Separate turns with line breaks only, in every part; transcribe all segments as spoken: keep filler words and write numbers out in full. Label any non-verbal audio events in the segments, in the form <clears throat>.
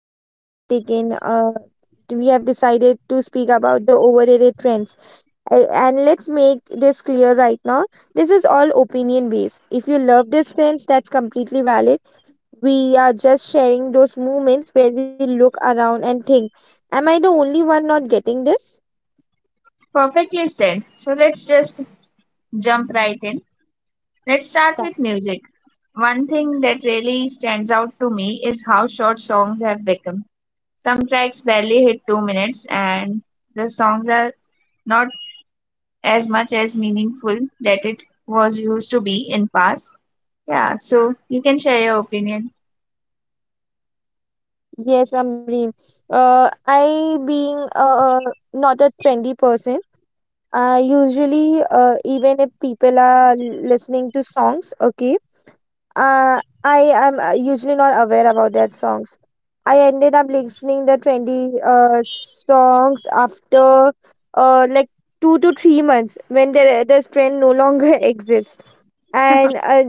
we have taken, uh, we have decided to speak about the overrated trends. A- And let's make this clear right now. This is all opinion based. If you love these trends, that's completely valid. We are just sharing those moments where we look around and think, am I the only one not getting this?
Perfectly said. So, let's just jump right in. Let's start with music. One thing that really stands out to me is how short songs have become. Some tracks barely hit two minutes, and the songs are not as much as meaningful that it was used to be in past. Yeah, so you can share your opinion.
Yes, Amreen. Uh, I being uh, not a trendy person, I usually, uh, even if people are listening to songs, okay, uh, I am uh, usually not aware about their songs. I ended up listening the trendy uh, songs after uh, like two to three months when the this trend no longer <laughs> exists, and uh,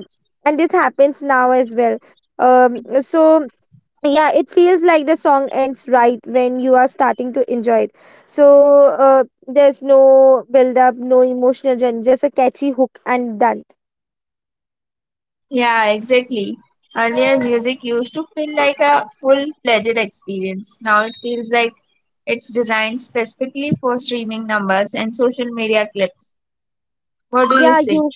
and this happens now as well. Um, so yeah, it feels like the song ends right when you are starting to enjoy it, so uh, there's no build up, no emotional journey, just a catchy hook and done.
Yeah, exactly. Earlier, music used to feel like a full-fledged experience. Now it feels like it's designed specifically for streaming numbers and social media clips. What do you
Yeah
say?
you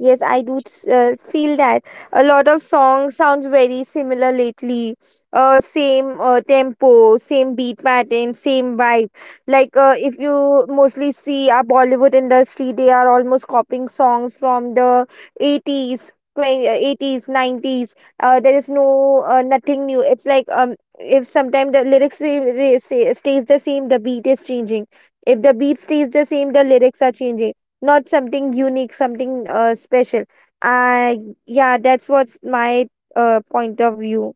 Yes, I do s- uh, feel that a lot of songs sounds very similar lately. Uh, same uh, tempo, same beat pattern, same vibe. Like uh, if you mostly see our Bollywood industry, they are almost copying songs from the eighties, twenty, uh, eighties, nineties. Uh, there is no uh, nothing new. It's like um, if sometimes the lyrics say, re- say- stays the same, the beat is changing. If the beat stays the same, the lyrics are changing, not something unique, something uh, special. uh yeah, that's what's my uh, point of view.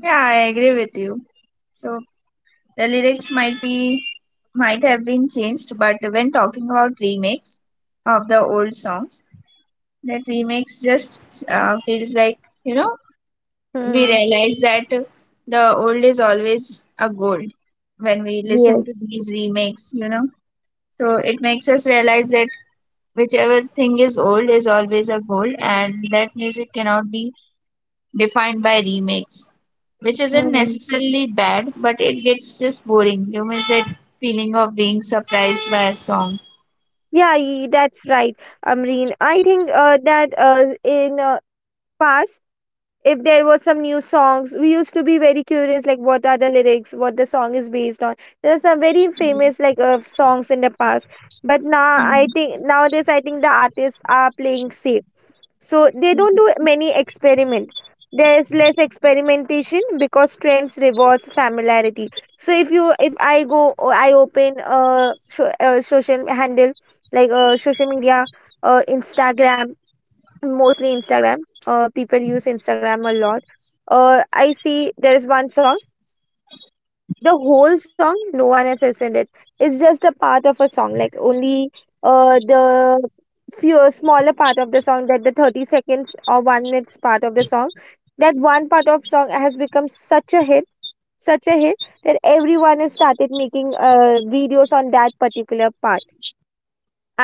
Yeah, I agree with you. So the lyrics might be might have been changed, but when talking about remakes of the old songs, that remakes just uh, feels like you know we
Hmm.
realize that the old is always a gold when we listen
Yes.
to these remakes. You know, so it makes us realize that whichever thing is old is always a gold, and that music cannot be defined by remakes, which isn't
Hmm.
necessarily bad, but it gets just boring. You miss that feeling of being surprised by a song.
Yeah, y- that's right, Amreen. I think uh, that uh, in uh, past, if there was some new songs we used to be very curious, like what are the lyrics, what the song is based on. There are some very famous like uh, songs in the past, but now I think nowadays I think the artists are playing safe, so they
Yeah,
don't do many experiment. There's less experimentation because trends rewards familiarity. So if you if i go I open a, so, a social handle, like a social media, uh, instagram mostly Instagram. Uh, people use Instagram a lot. Uh, I see there is one song. The whole song, no one has listened it. It's just a part of a song, like only uh the few smaller part of the song, that the thirty seconds or one minutes part of the song. That one part of song has become such a hit, such a hit that everyone has started making uh videos on that particular part.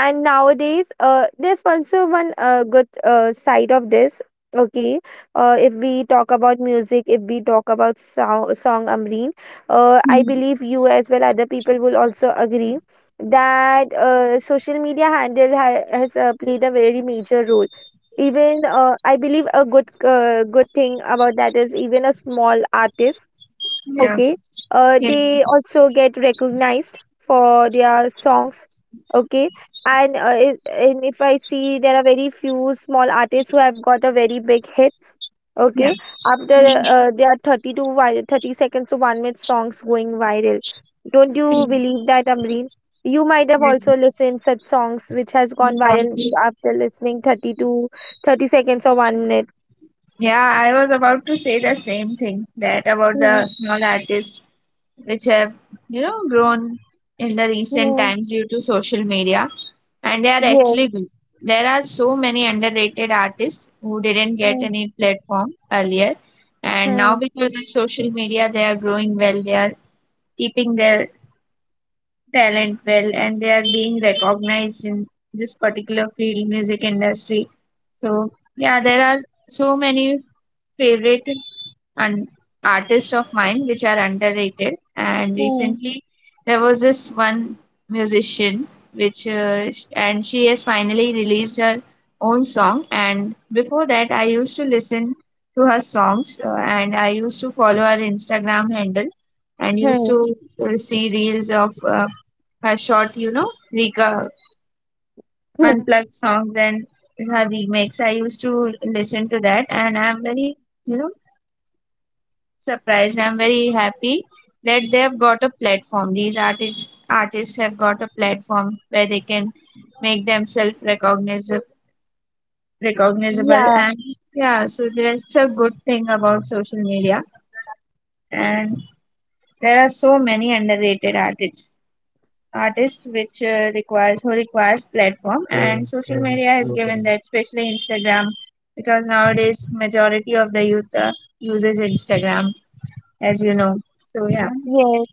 And nowadays uh, there's also one uh, good uh, side of this. Okay. Uh, if we talk about music, if we talk about song, song, Amreen, uh, I believe you as well other people will also agree that uh, social media handle ha- has uh, played a very major role. Even uh, I believe a good uh, good thing about that is even a small artist. Okay. Uh,
yeah,
they also get recognized for their songs. Okay. And uh, i- and if I see there are very few small artists who have got a very big hits.
yeah.
Okay. After uh, there are thirty to vi- thirty seconds to one minute songs going viral. Don't you believe that, Amreen? You might have also listened such songs which has gone viral after listening thirty to thirty seconds or one minute.
Yeah, I was about to say the same thing that about
Hmm,
the small artists which have you know grown in the recent
hmm,
times due to social media, and they are
yes,
actually good. There are so many underrated artists who didn't get
hmm,
any platform earlier, and now
hmm,
because of social media they are growing well, they are keeping their talent well, and they are being recognized in this particular field, music industry. So yeah, there are so many favorite an artist of mine which are underrated, and
hmm,
recently there was this one musician which uh, sh- and she has finally released her own song. And before that I used to listen to her songs, uh, and I used to follow her Instagram handle and used
hmm.
to uh, see reels of uh, her short, you know reco-
Hmm.
unplugged songs and her remakes. I used to listen to that, and I'm very, you know surprised. I'm very happy that they've got a platform. These artists artists have got a platform where they can make themselves recognizable recognizable
Yeah,
and yeah, so that's a good thing about social media. And there are so many underrated artists artists which uh, requires who requires platform, and social media has given that, especially Instagram, because nowadays majority of the youth uh, uses Instagram, as you know. So yeah.
yes.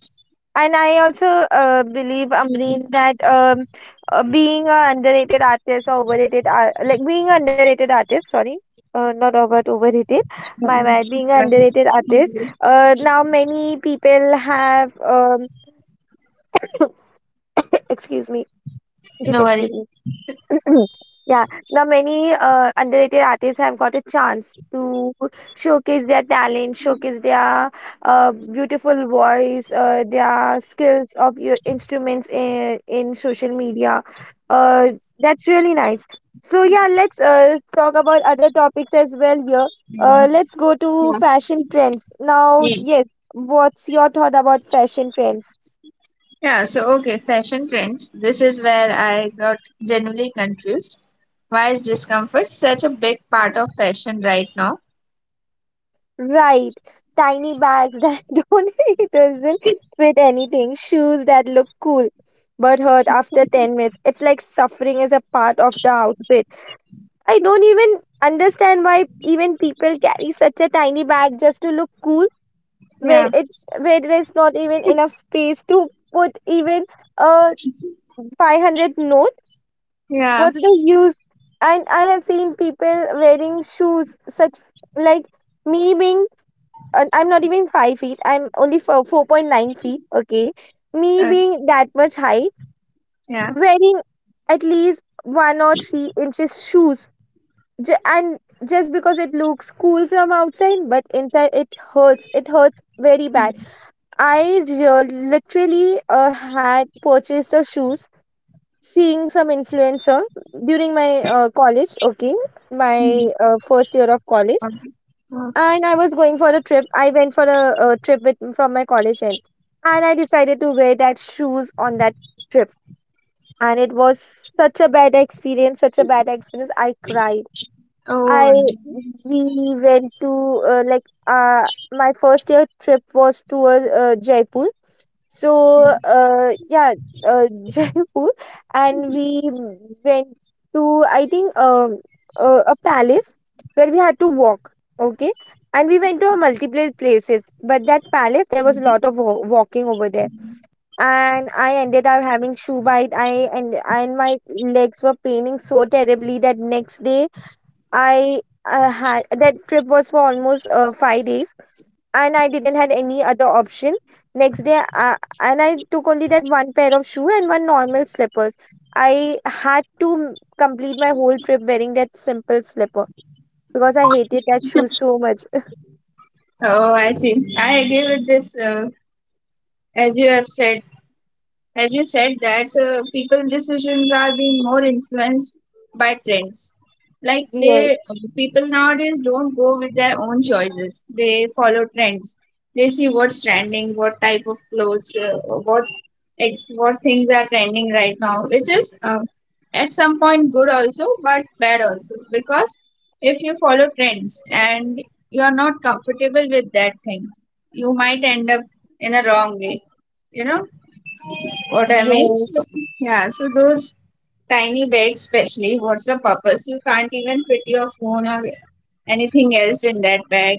And I also uh, believe, Amreen, that um, uh, being a underrated artist or overrated, ar- like being a underrated artist, sorry, uh, not over overrated, my
Mm,
bad, being a
right.
underrated artist,
Mhm.
uh, now many people have, um, <coughs> excuse me, just
No worry.
excuse me <clears throat> Yeah, now many uh, underrated artists have got a chance to showcase their talent, showcase their uh, beautiful voice, uh, their skills of your instruments in, in social media. Uh, that's really nice. So yeah, let's uh, talk about other topics as well here.
Mm.
Uh, let's go to
Yeah.
fashion trends. Now,
Yeah.
yes, what's your thought about fashion trends?
Yeah, so, okay, fashion trends. This is where I got genuinely confused. Why is discomfort such a big part of fashion right now?
Right. Tiny bags that <laughs> don't it doesn't fit anything. Shoes that look cool but hurt after ten minutes. It's like suffering is a part of the outfit. I don't even understand why even people carry such a tiny bag just to look cool where
Yeah.
it's where there's not even enough space to put even a five hundred note.
Yeah.
What's the use? And I have seen people wearing shoes such like me being, uh, I'm not even five feet. I'm only for four point nine feet. Okay, me
Uh,
being that much high,
yeah.
wearing at least one or three inches shoes, J- and just because it looks cool from outside, but inside it hurts. It hurts very bad. I real literally uh, had purchased a shoes seeing some influencer during my uh, college. Okay, my
Mhm.
uh, first year of college,
Okay. Oh.
and I was going for a trip. I went for a, a trip with, from my college end, and I decided to wear that shoes on that trip. And it was such a bad experience, such a bad experience. I cried. I
oh, d-
We went to uh, like uh, my first year trip was towards uh, uh, Jaipur. So uh, yeah, uh, <laughs> Jaipur, and we went to, I think, um uh, a palace where we had to walk. Okay, and we went to multiple places, but that palace there was a lot of wa- walking over there, and I ended up having shoe bite. I and and my legs were paining so terribly that next day I uh, had that trip was for almost uh, five days, and I didn't had any other option. Next day, uh, and I took only that one pair of shoe and one normal slippers. I had to m- complete my whole trip wearing that simple slipper because I hated that shoe so much.
oh, I see. I agree with this. Uh, as you have said, as you said that uh, people's decisions are being more influenced by trends. Like they
Yes,
people nowadays don't go with their own choices, they follow trends. They see what's trending, what type of clothes, uh, what ex- what things are trending right now, which is uh, at some point good also but bad also, because if you follow trends and you're not comfortable with that thing, you might end up in a wrong way, you know what I mean?
yes.
So, yeah, so those tiny bags, especially, what's the purpose? You can't even fit your phone or anything else in that bag.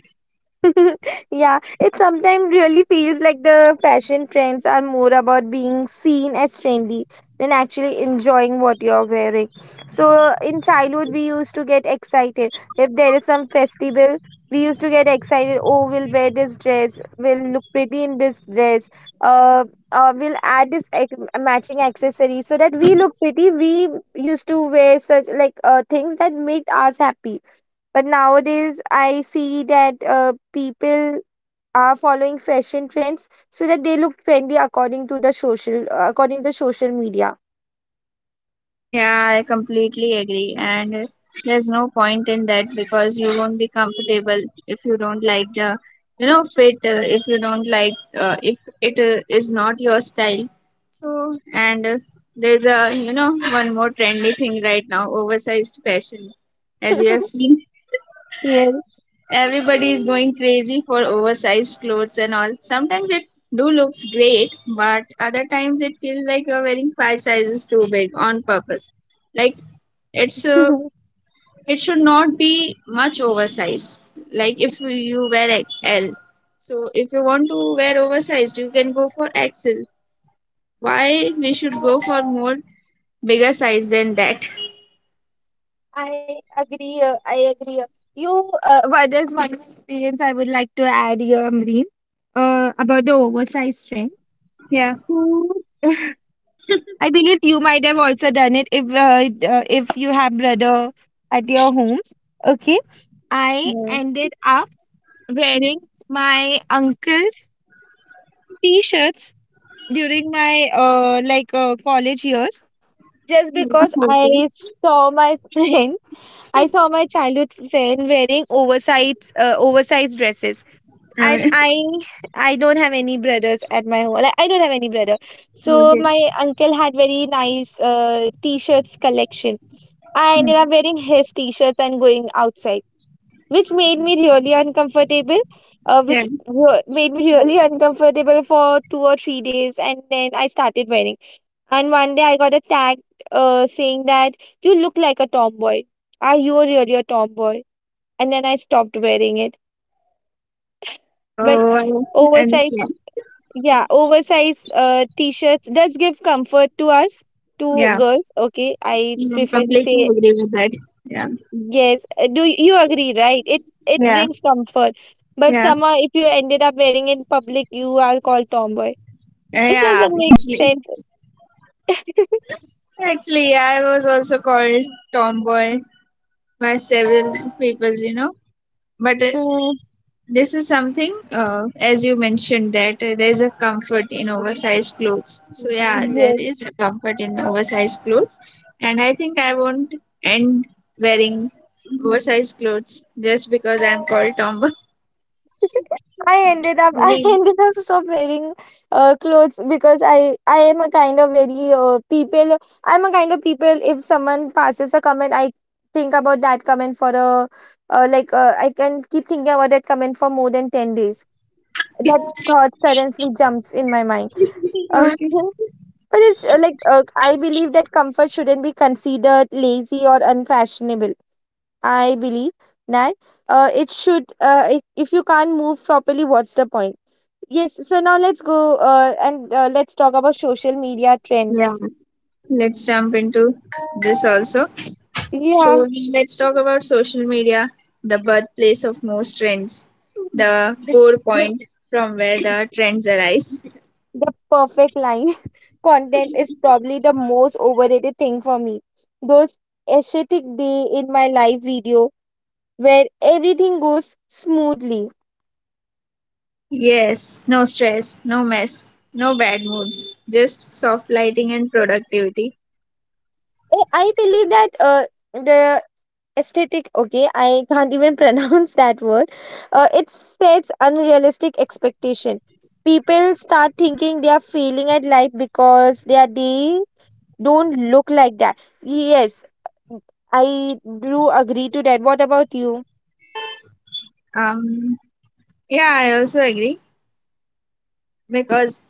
<laughs> Yeah, it sometimes really feels like the fashion trends are more about being seen as trendy than actually enjoying what you're wearing. So in childhood, we used to get excited. If there is some festival, we used to get excited. Oh, we'll wear this dress. We'll look pretty in this dress. Uh, uh, we'll add this ac- matching accessory so that we look pretty. We used to wear such like uh, things that made us happy, but nowadays, I see that uh, people are following fashion trends so that they look trendy according to the social uh, according to social media.
Yeah, I completely agree. And there's no point in that because you won't be comfortable if you don't like the, you know, fit, uh, if you don't like, uh, if it uh, is not your style. So, and uh, there's a, you know, one more trendy thing right now, oversized fashion. As you have
<laughs>
seen,
Yes,
everybody is going crazy for oversized clothes and all. Sometimes it do looks great, but other times it feels like you're wearing five sizes too big on purpose. Like it's a,
<laughs>
it should not be much oversized. Like if you wear a- L, so if you want to wear oversized, you can go for X L. Why we should go for more bigger size than that? <laughs>
I agree. Uh, I agree. You, uh, well, there's one more experience I would like to add here, Amreen, uh, about the oversized trend.
Yeah.
So, I believe you might have also done it if uh, d- uh, if you have brother at your homes. Okay, I
Yeah.
ended up wearing my uncle's t-shirts during my uh, like uh, college years just because
Okay.
I saw my <laughs> friend I saw my childhood friend wearing oversized uh, oversized dresses. And
Alright.
I I don't have any brothers at my home, like, I don't have any brother. So
Okay.
my uncle had very nice uh, t-shirts collection. I ended up wearing his t-shirts and going outside, which made me really uncomfortable uh,
Yeah.
which re- made me really uncomfortable for two or three days, and then I started wearing. And one day I got attacked, uh, saying that, you look like a tomboy, are you really a tomboy? And then I stopped wearing it. But
Oh, I
oversized,
understand.
yeah, oversized uh, t-shirts does give comfort to us, to
Yeah,
girls. Okay, I
yeah,
preferably
completely
say.
agree with that. Yeah,
Yes, uh, do y- you agree, right? It it
yeah,
brings comfort. But
yeah.
somehow if you ended up wearing it in public, you are called tomboy.
Uh,
This
yeah.
doesn't make
Actually,
sense. <laughs>
actually, I was also called tomboy by several people, you know. But uh,
Mm,
this is something, uh, as you mentioned, that uh, there's a comfort in oversized clothes. So yeah, there
yes.
is a comfort in oversized clothes, and I think I won't end wearing oversized clothes just because I'm called tomboy. <laughs>
I ended up <laughs> I
Yeah.
ended up stop wearing uh, clothes
I
because I
understand
I
what
am a kind of very
at
uh,
uh,
people. I'm a
somehow
kind of people,
my
if
you know
someone passes a
comfort
comment,
matters
I
the most,
think about
so
that comment for a
I still
uh,
wear
like uh, I
some
can keep thinking
oversized
about that comment for
clothes,
more
yeah.
than ten days, that thought suddenly jumps in my mind. Uh,
Okay,
<laughs> but it's uh, like uh, I believe that comfort shouldn't be considered lazy or unfashionable. I believe that uh, it should. Uh, if, if you can't move properly, what's the point? Yes. So now let's go uh, and uh, let's talk about social media trends.
let's jump into this also.
Yeah,
So let's talk about social media, the birthplace of most trends, the core point from where the trends arise.
the perfect line. <laughs> Content is probably the most overrated thing for me. Those aesthetic day in my life video where everything goes smoothly.
Yes, no stress, no mess, no bad moods, just soft lighting and productivity.
I I believe that uh, the aesthetic. Okay, I can't even <laughs> pronounce that word. Uh, it sets unrealistic expectation. People start thinking they are failing at life because they are they don't look like that. Yes, I do agree to that. What about you?
um yeah, I also agree because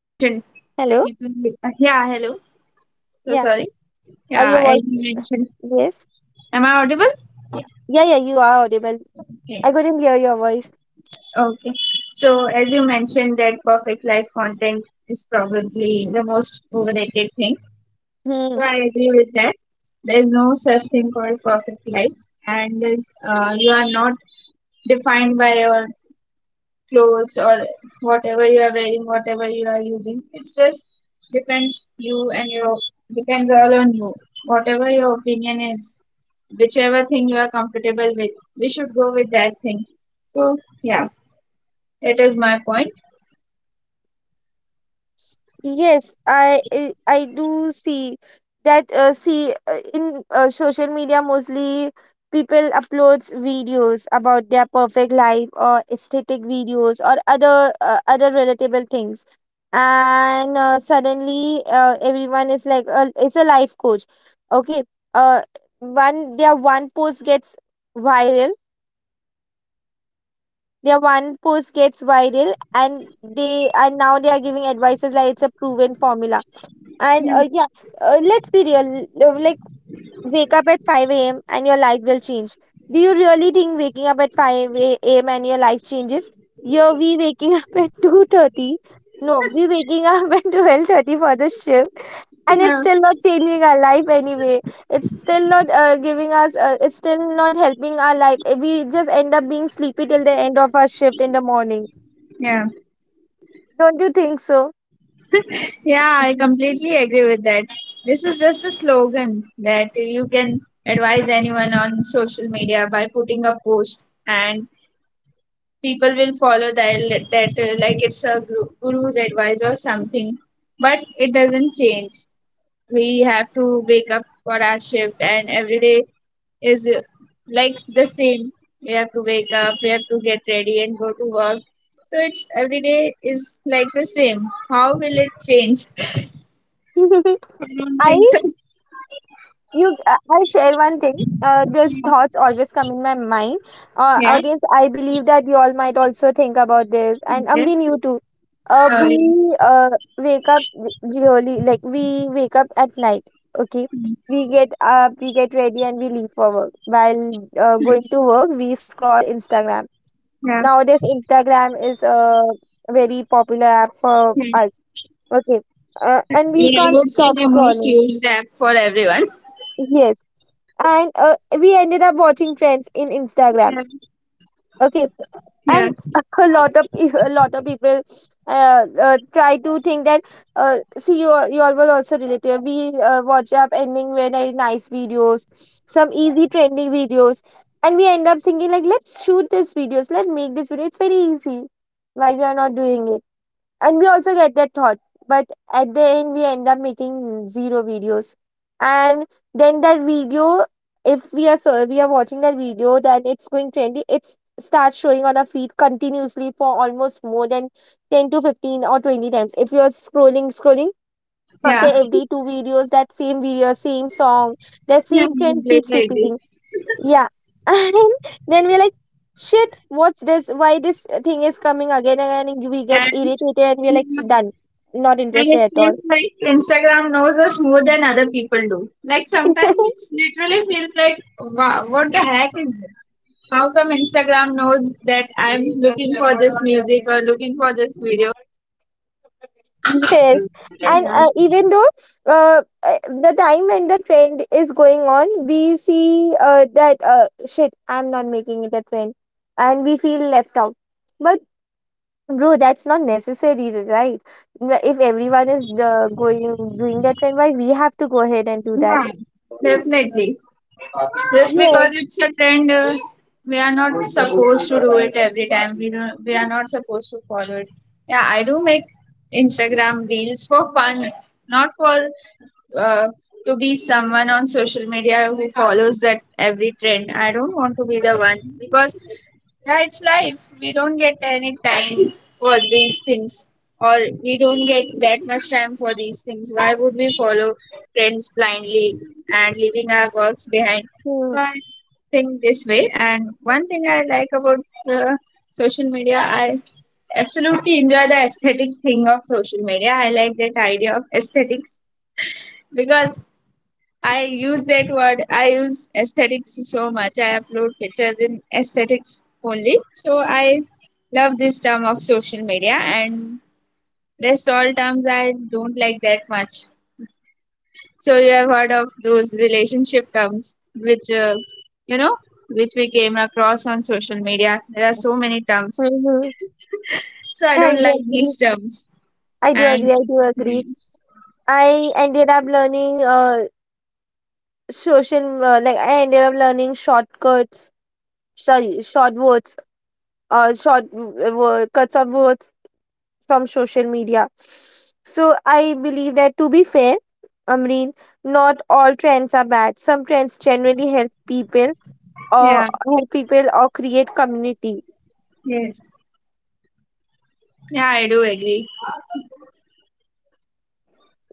mentioned,
Hello.
you can, uh, yeah, hello. So
Yeah.
sorry.
Are
Yeah,
your
as
voice?
you mentioned,
Yes.
am I audible?
Yeah, yeah, you are audible.
Okay.
I couldn't hear your voice.
Okay. So as you mentioned, that perfect life content is probably the most overrated thing. So
Hmm.
I agree with that. There is no such thing called perfect life, and there's, uh, you are not defined by your clothes or whatever you are wearing, whatever you are using. It's just depends you and your depends all on you. Whatever your opinion is, whichever thing you are comfortable with, we should go with that thing. So yeah, that is my point.
Yes, I I I do see that, uh, see uh, in uh, social media, mostly people uploads videos about their perfect life or aesthetic videos or other uh, other relatable things. And uh, suddenly, uh, everyone is like, uh, is a life coach. Okay. uh one their one post gets viral. Their one post gets viral, and they and now they are giving advices like it's a proven formula. And
Yeah,
uh, yeah, uh, let's be real. uh, Like, wake up at five a m and your life will change. Do you really think waking up at five a m and your life changes? Here we waking up <laughs> at two thirty. No, we waking up <laughs> at twelve thirty for the shift, and it's
yeah,
still not changing our life anyway. It's still not uh, giving us. Uh, it's still not helping our life. Uh, We just end up being sleepy till the end of our shift in the morning.
yeah.
Don't you think so?
Yeah, I completely agree with that. This is just a slogan that you can advise anyone on social media by putting a post, and people will follow that that uh, like it's a guru, guru's advice or something, but it doesn't change. We have to wake up for our shift, and every day is uh, like the same. We have to wake up, we have to get ready and go to work. So it's every day is like the same. How will it change? <laughs> I
<laughs>
don't
I
think so.
You, uh, I share one thing. Uh, these thoughts always come in my mind. Uh,
Yeah,
audience, I believe that you all might also think about this, and
okay.
Amreen, you too. Uh,
uh,
we uh, wake up, really like we wake up at night. Okay, we get up, we get ready, and we leave for work. While uh, going to work, we scroll Instagram.
yeah.
Nowadays, Instagram is a very popular app for
Yeah.
us. Okay, uh, and we
I
can't
would say
stop
the most
scrolling.
used app for everyone.
Yes. And uh, we ended up watching trends in Instagram.
Yeah,
Okay.
yeah,
And <laughs> a lot of peo- a lot of people uh, uh, try to think that, uh, see, you all, you all will also relate to it. We uh, watch up ending very nice videos, some easy trending videos, and we end up thinking like, let's shoot this videos, let's make this video, it's very easy, why we are not doing it. And we also get that thought. But at the end, we end up making zero videos. And then that video, if we are so we are watching that video, then it's going trendy. It's starts showing on our feed continuously for almost more than ten to fifteen or twenty times if you're scrolling scrolling after
yeah.
every two videos. That same video, same song, the
Yeah,
same trend keeps
completely.
repeating. Yeah. <laughs> And then we're like, "Shit, what's this? Why this thing is coming again and again?" We get
And
irritated and we're like, done. Not
and
interested
it
at all.
feels like Instagram knows us more than other people do. Like sometimes it
<laughs>
literally feels like, wow, what the heck is this? How come Instagram knows that I'm looking for this music or looking for this video?
Yes. And
Yeah,
uh, even though, uh, uh, the time when the trend is going on, we see uh, that, uh, shit, I'm not making it a trend. And we feel left out. But bro, that's not necessary, right? If everyone is uh, going doing that trend, why we have to go ahead and do that?
yeah, definitely. Just
Yes.
because it's a trend, uh, we are not supposed to do it every time. We don't, we are not supposed to follow it. Yeah, I do make Instagram reels for fun, not for uh, to be someone on social media who follows that every trend. I don't want to be the one because yeah, it's life. We don't get any time for these things, or we don't get that much time for these things. Why would we follow trends blindly and leaving our works behind? So
Hmm.
I think this way. And one thing I like about the social media, I absolutely enjoy the aesthetic thing of social media. I like that idea of aesthetics because I use that word. I use aesthetics so much. I upload pictures in aesthetics only. So I love this term of social media, and rest all terms I don't like that much. So you have heard of those relationship terms, which uh, you know, which we came across on social media. There are so many terms,
Mhm.
so I
I
don't like
do agree.
these terms.
I do agree.
And
I do agree.
yeah,
I ended up learning uh social, uh, like I ended up learning shortcuts. Sorry, short words. Uh, short w- w- cuts of words from social media. So I believe that, to be fair, Amreen, not all trends are bad. Some trends generally help people or help people or create community.
yes, yeah, I do agree.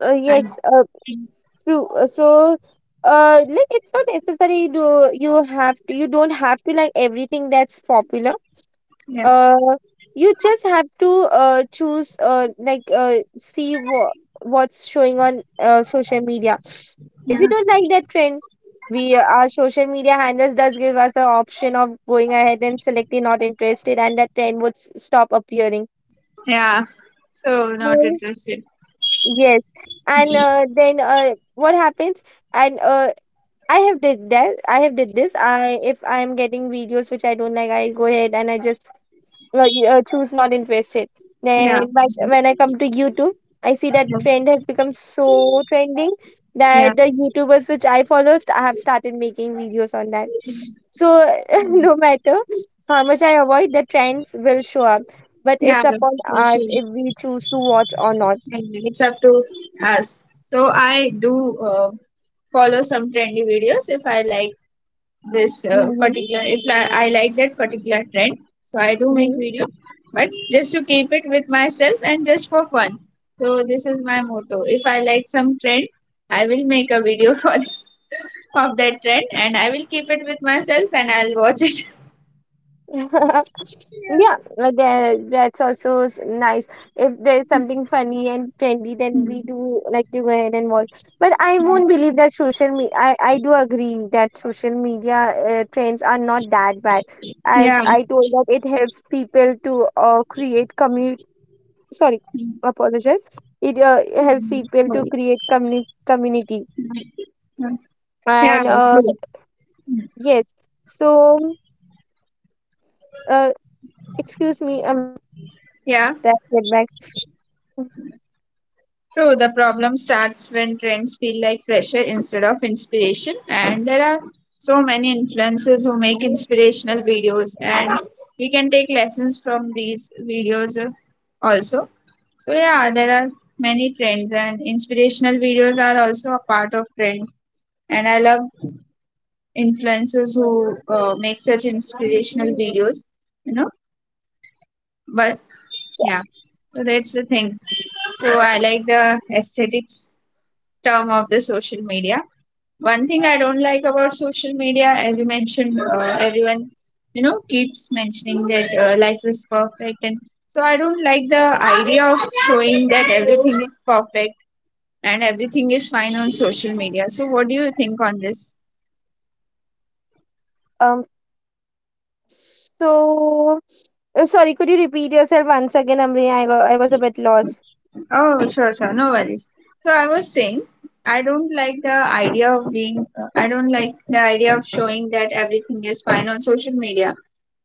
Uh,
And
yes. uh, True. Uh, So, uh, like it's not necessary to you have to you don't have to like everything that's popular.
yeah,
Uh, you just have to uh choose, uh like uh see what what's showing on uh social media. If you
yeah,
don't like that trend, we our social media handles does give us an option of going ahead and selecting not interested, and that trend would s- stop appearing.
yeah. So not
Yes.
interested.
Yes. And uh, then, uh, what happens? And uh, I have did that. I have did this. I If I am getting videos which I don't like, I go ahead and I just uh, uh, choose not interested. Then,
Yeah,
but when I come to YouTube, I see
yeah,
that trend has become so trending
yeah.
that the YouTubers which I follow, st- I have started making videos on that. So <laughs> no matter how much I avoid, the trends will show up. But
Yeah,
it's upon
we
us
should.
if we choose to watch or not.
And it's up to us. So I do uh, follow some trendy videos if I like. This uh,
Hmm.
particular if li- I like that particular trend, so I do make
Hmm.
video, but just to keep it with myself and just for fun. So this is my motto: if I like some trend, I will make a video for <laughs> of that trend and I will keep it with myself and I'll watch it.
<laughs> Yeah, uh, that that's also s- nice. If there's something funny and trendy, then we
<laughs>
do like to go ahead and watch. But I won't believe that social media. I I do agree that social media uh, trends are not that bad. As
Yeah, yeah,
I told that, it helps people to uh, create community. Sorry, apologize. It uh, helps people to create community community.
yeah,
And uh, yes, so, uh, excuse me, um, that
yeah.
get back.
True, the problem starts when trends feel like pressure instead of inspiration, and there are so many influencers who make inspirational videos, and we can take lessons from these videos uh, also. So, yeah, there are many trends, and inspirational videos are also a part of trends. And I love influencers who uh, make such inspirational videos, you know, but
Yes.
yeah, so that's the thing. So, I like the aesthetics term of the social media. One thing I don't like about social media, as you mentioned, uh, everyone you know keeps mentioning that uh, life is perfect, and so I don't like the idea of showing that everything is perfect and everything is fine on social media. So what do you think on this?
Um. So, uh, sorry, could you repeat yourself once again, Amriya? I, got, I was a bit lost.
Oh, sure, sure, no worries. So I was saying, I don't like the idea of being, I don't like the idea of showing that everything is fine on social media.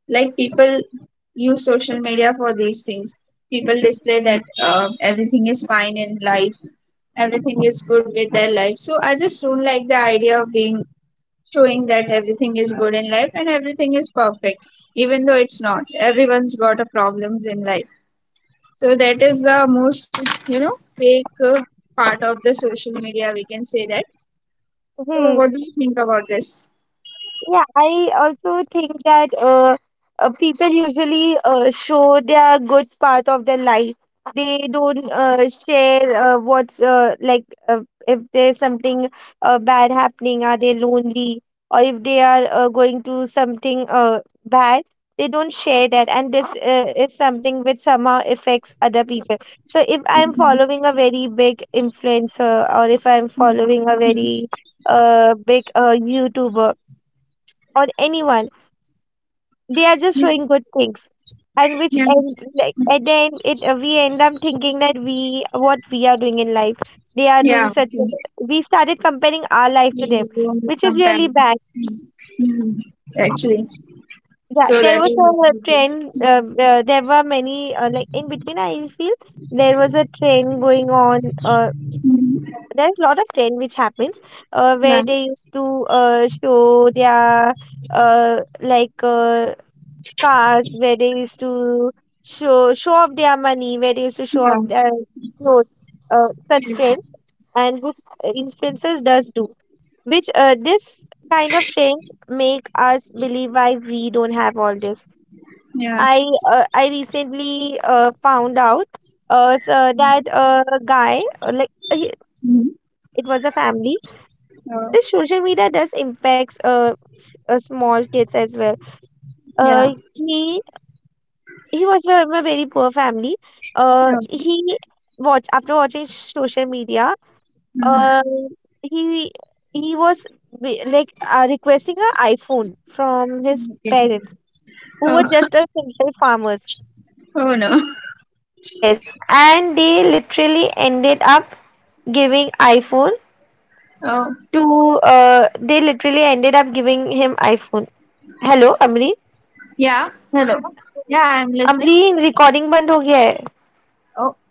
Like people use social media for these things. People display that uh, everything is fine in life, everything is good with their life. So I just don't like the idea of being showing that everything is good in life and everything is perfect, even though it's not. Everyone's got a problems in life, so that is the most, you know, fake uh, part of the social media, we can say that. So
Hmm.
what do you think about this?
Yeah, I also think that, uh, uh, people usually uh, show their good part of their life. They don't uh, share, uh, what's uh, like uh, if there's something uh, bad happening, are they lonely, or if they are uh, going to something uh, bad, they don't share that. And this uh, is something which somehow affects other people. So if I'm following a very big influencer, or if I'm following a very uh, big uh, YouTuber, on anyone. They are just
Yeah,
showing good things, and which
yeah,
end, like at the end, it uh, we end up thinking that we what we are doing in life. They are doing
yeah.
such. A, we started comparing our life to them,
You want to
which is
compare.
really bad.
Mm. Mm, actually
Yeah,
so
there
that
was
is
a
okay.
trend. Uh, uh, there were many, uh, like in between. I feel there was a trend going on. Uh,
Mm.
there's a lot of trend which happens, uh, where
Yeah,
they used to uh, show their uh, like uh, cars, where they used to show show off their money, where they used to show off
yeah,
their clothes, uh, such
yeah,
trends, and which uh, influencers does do. Which uh, this kind of trends make us believe why we don't have all this.
yeah.
I uh, I recently uh, found out, uh, so that uh, a guy, uh, like uh, he-
Mm.
it was a family.
Oh,
This social media does impacts uh, s- uh small kids as well.
yeah.
Uh, he He was from a very poor family. Uh,
Oh.
he watch After watching social media,
Mhm.
Uh, he he was be- like uh, requesting an iPhone from his
Okay.
parents.
Oh. <laughs> Oh no. Oh. Yeah, hello. Yeah, I'm listening. Oh.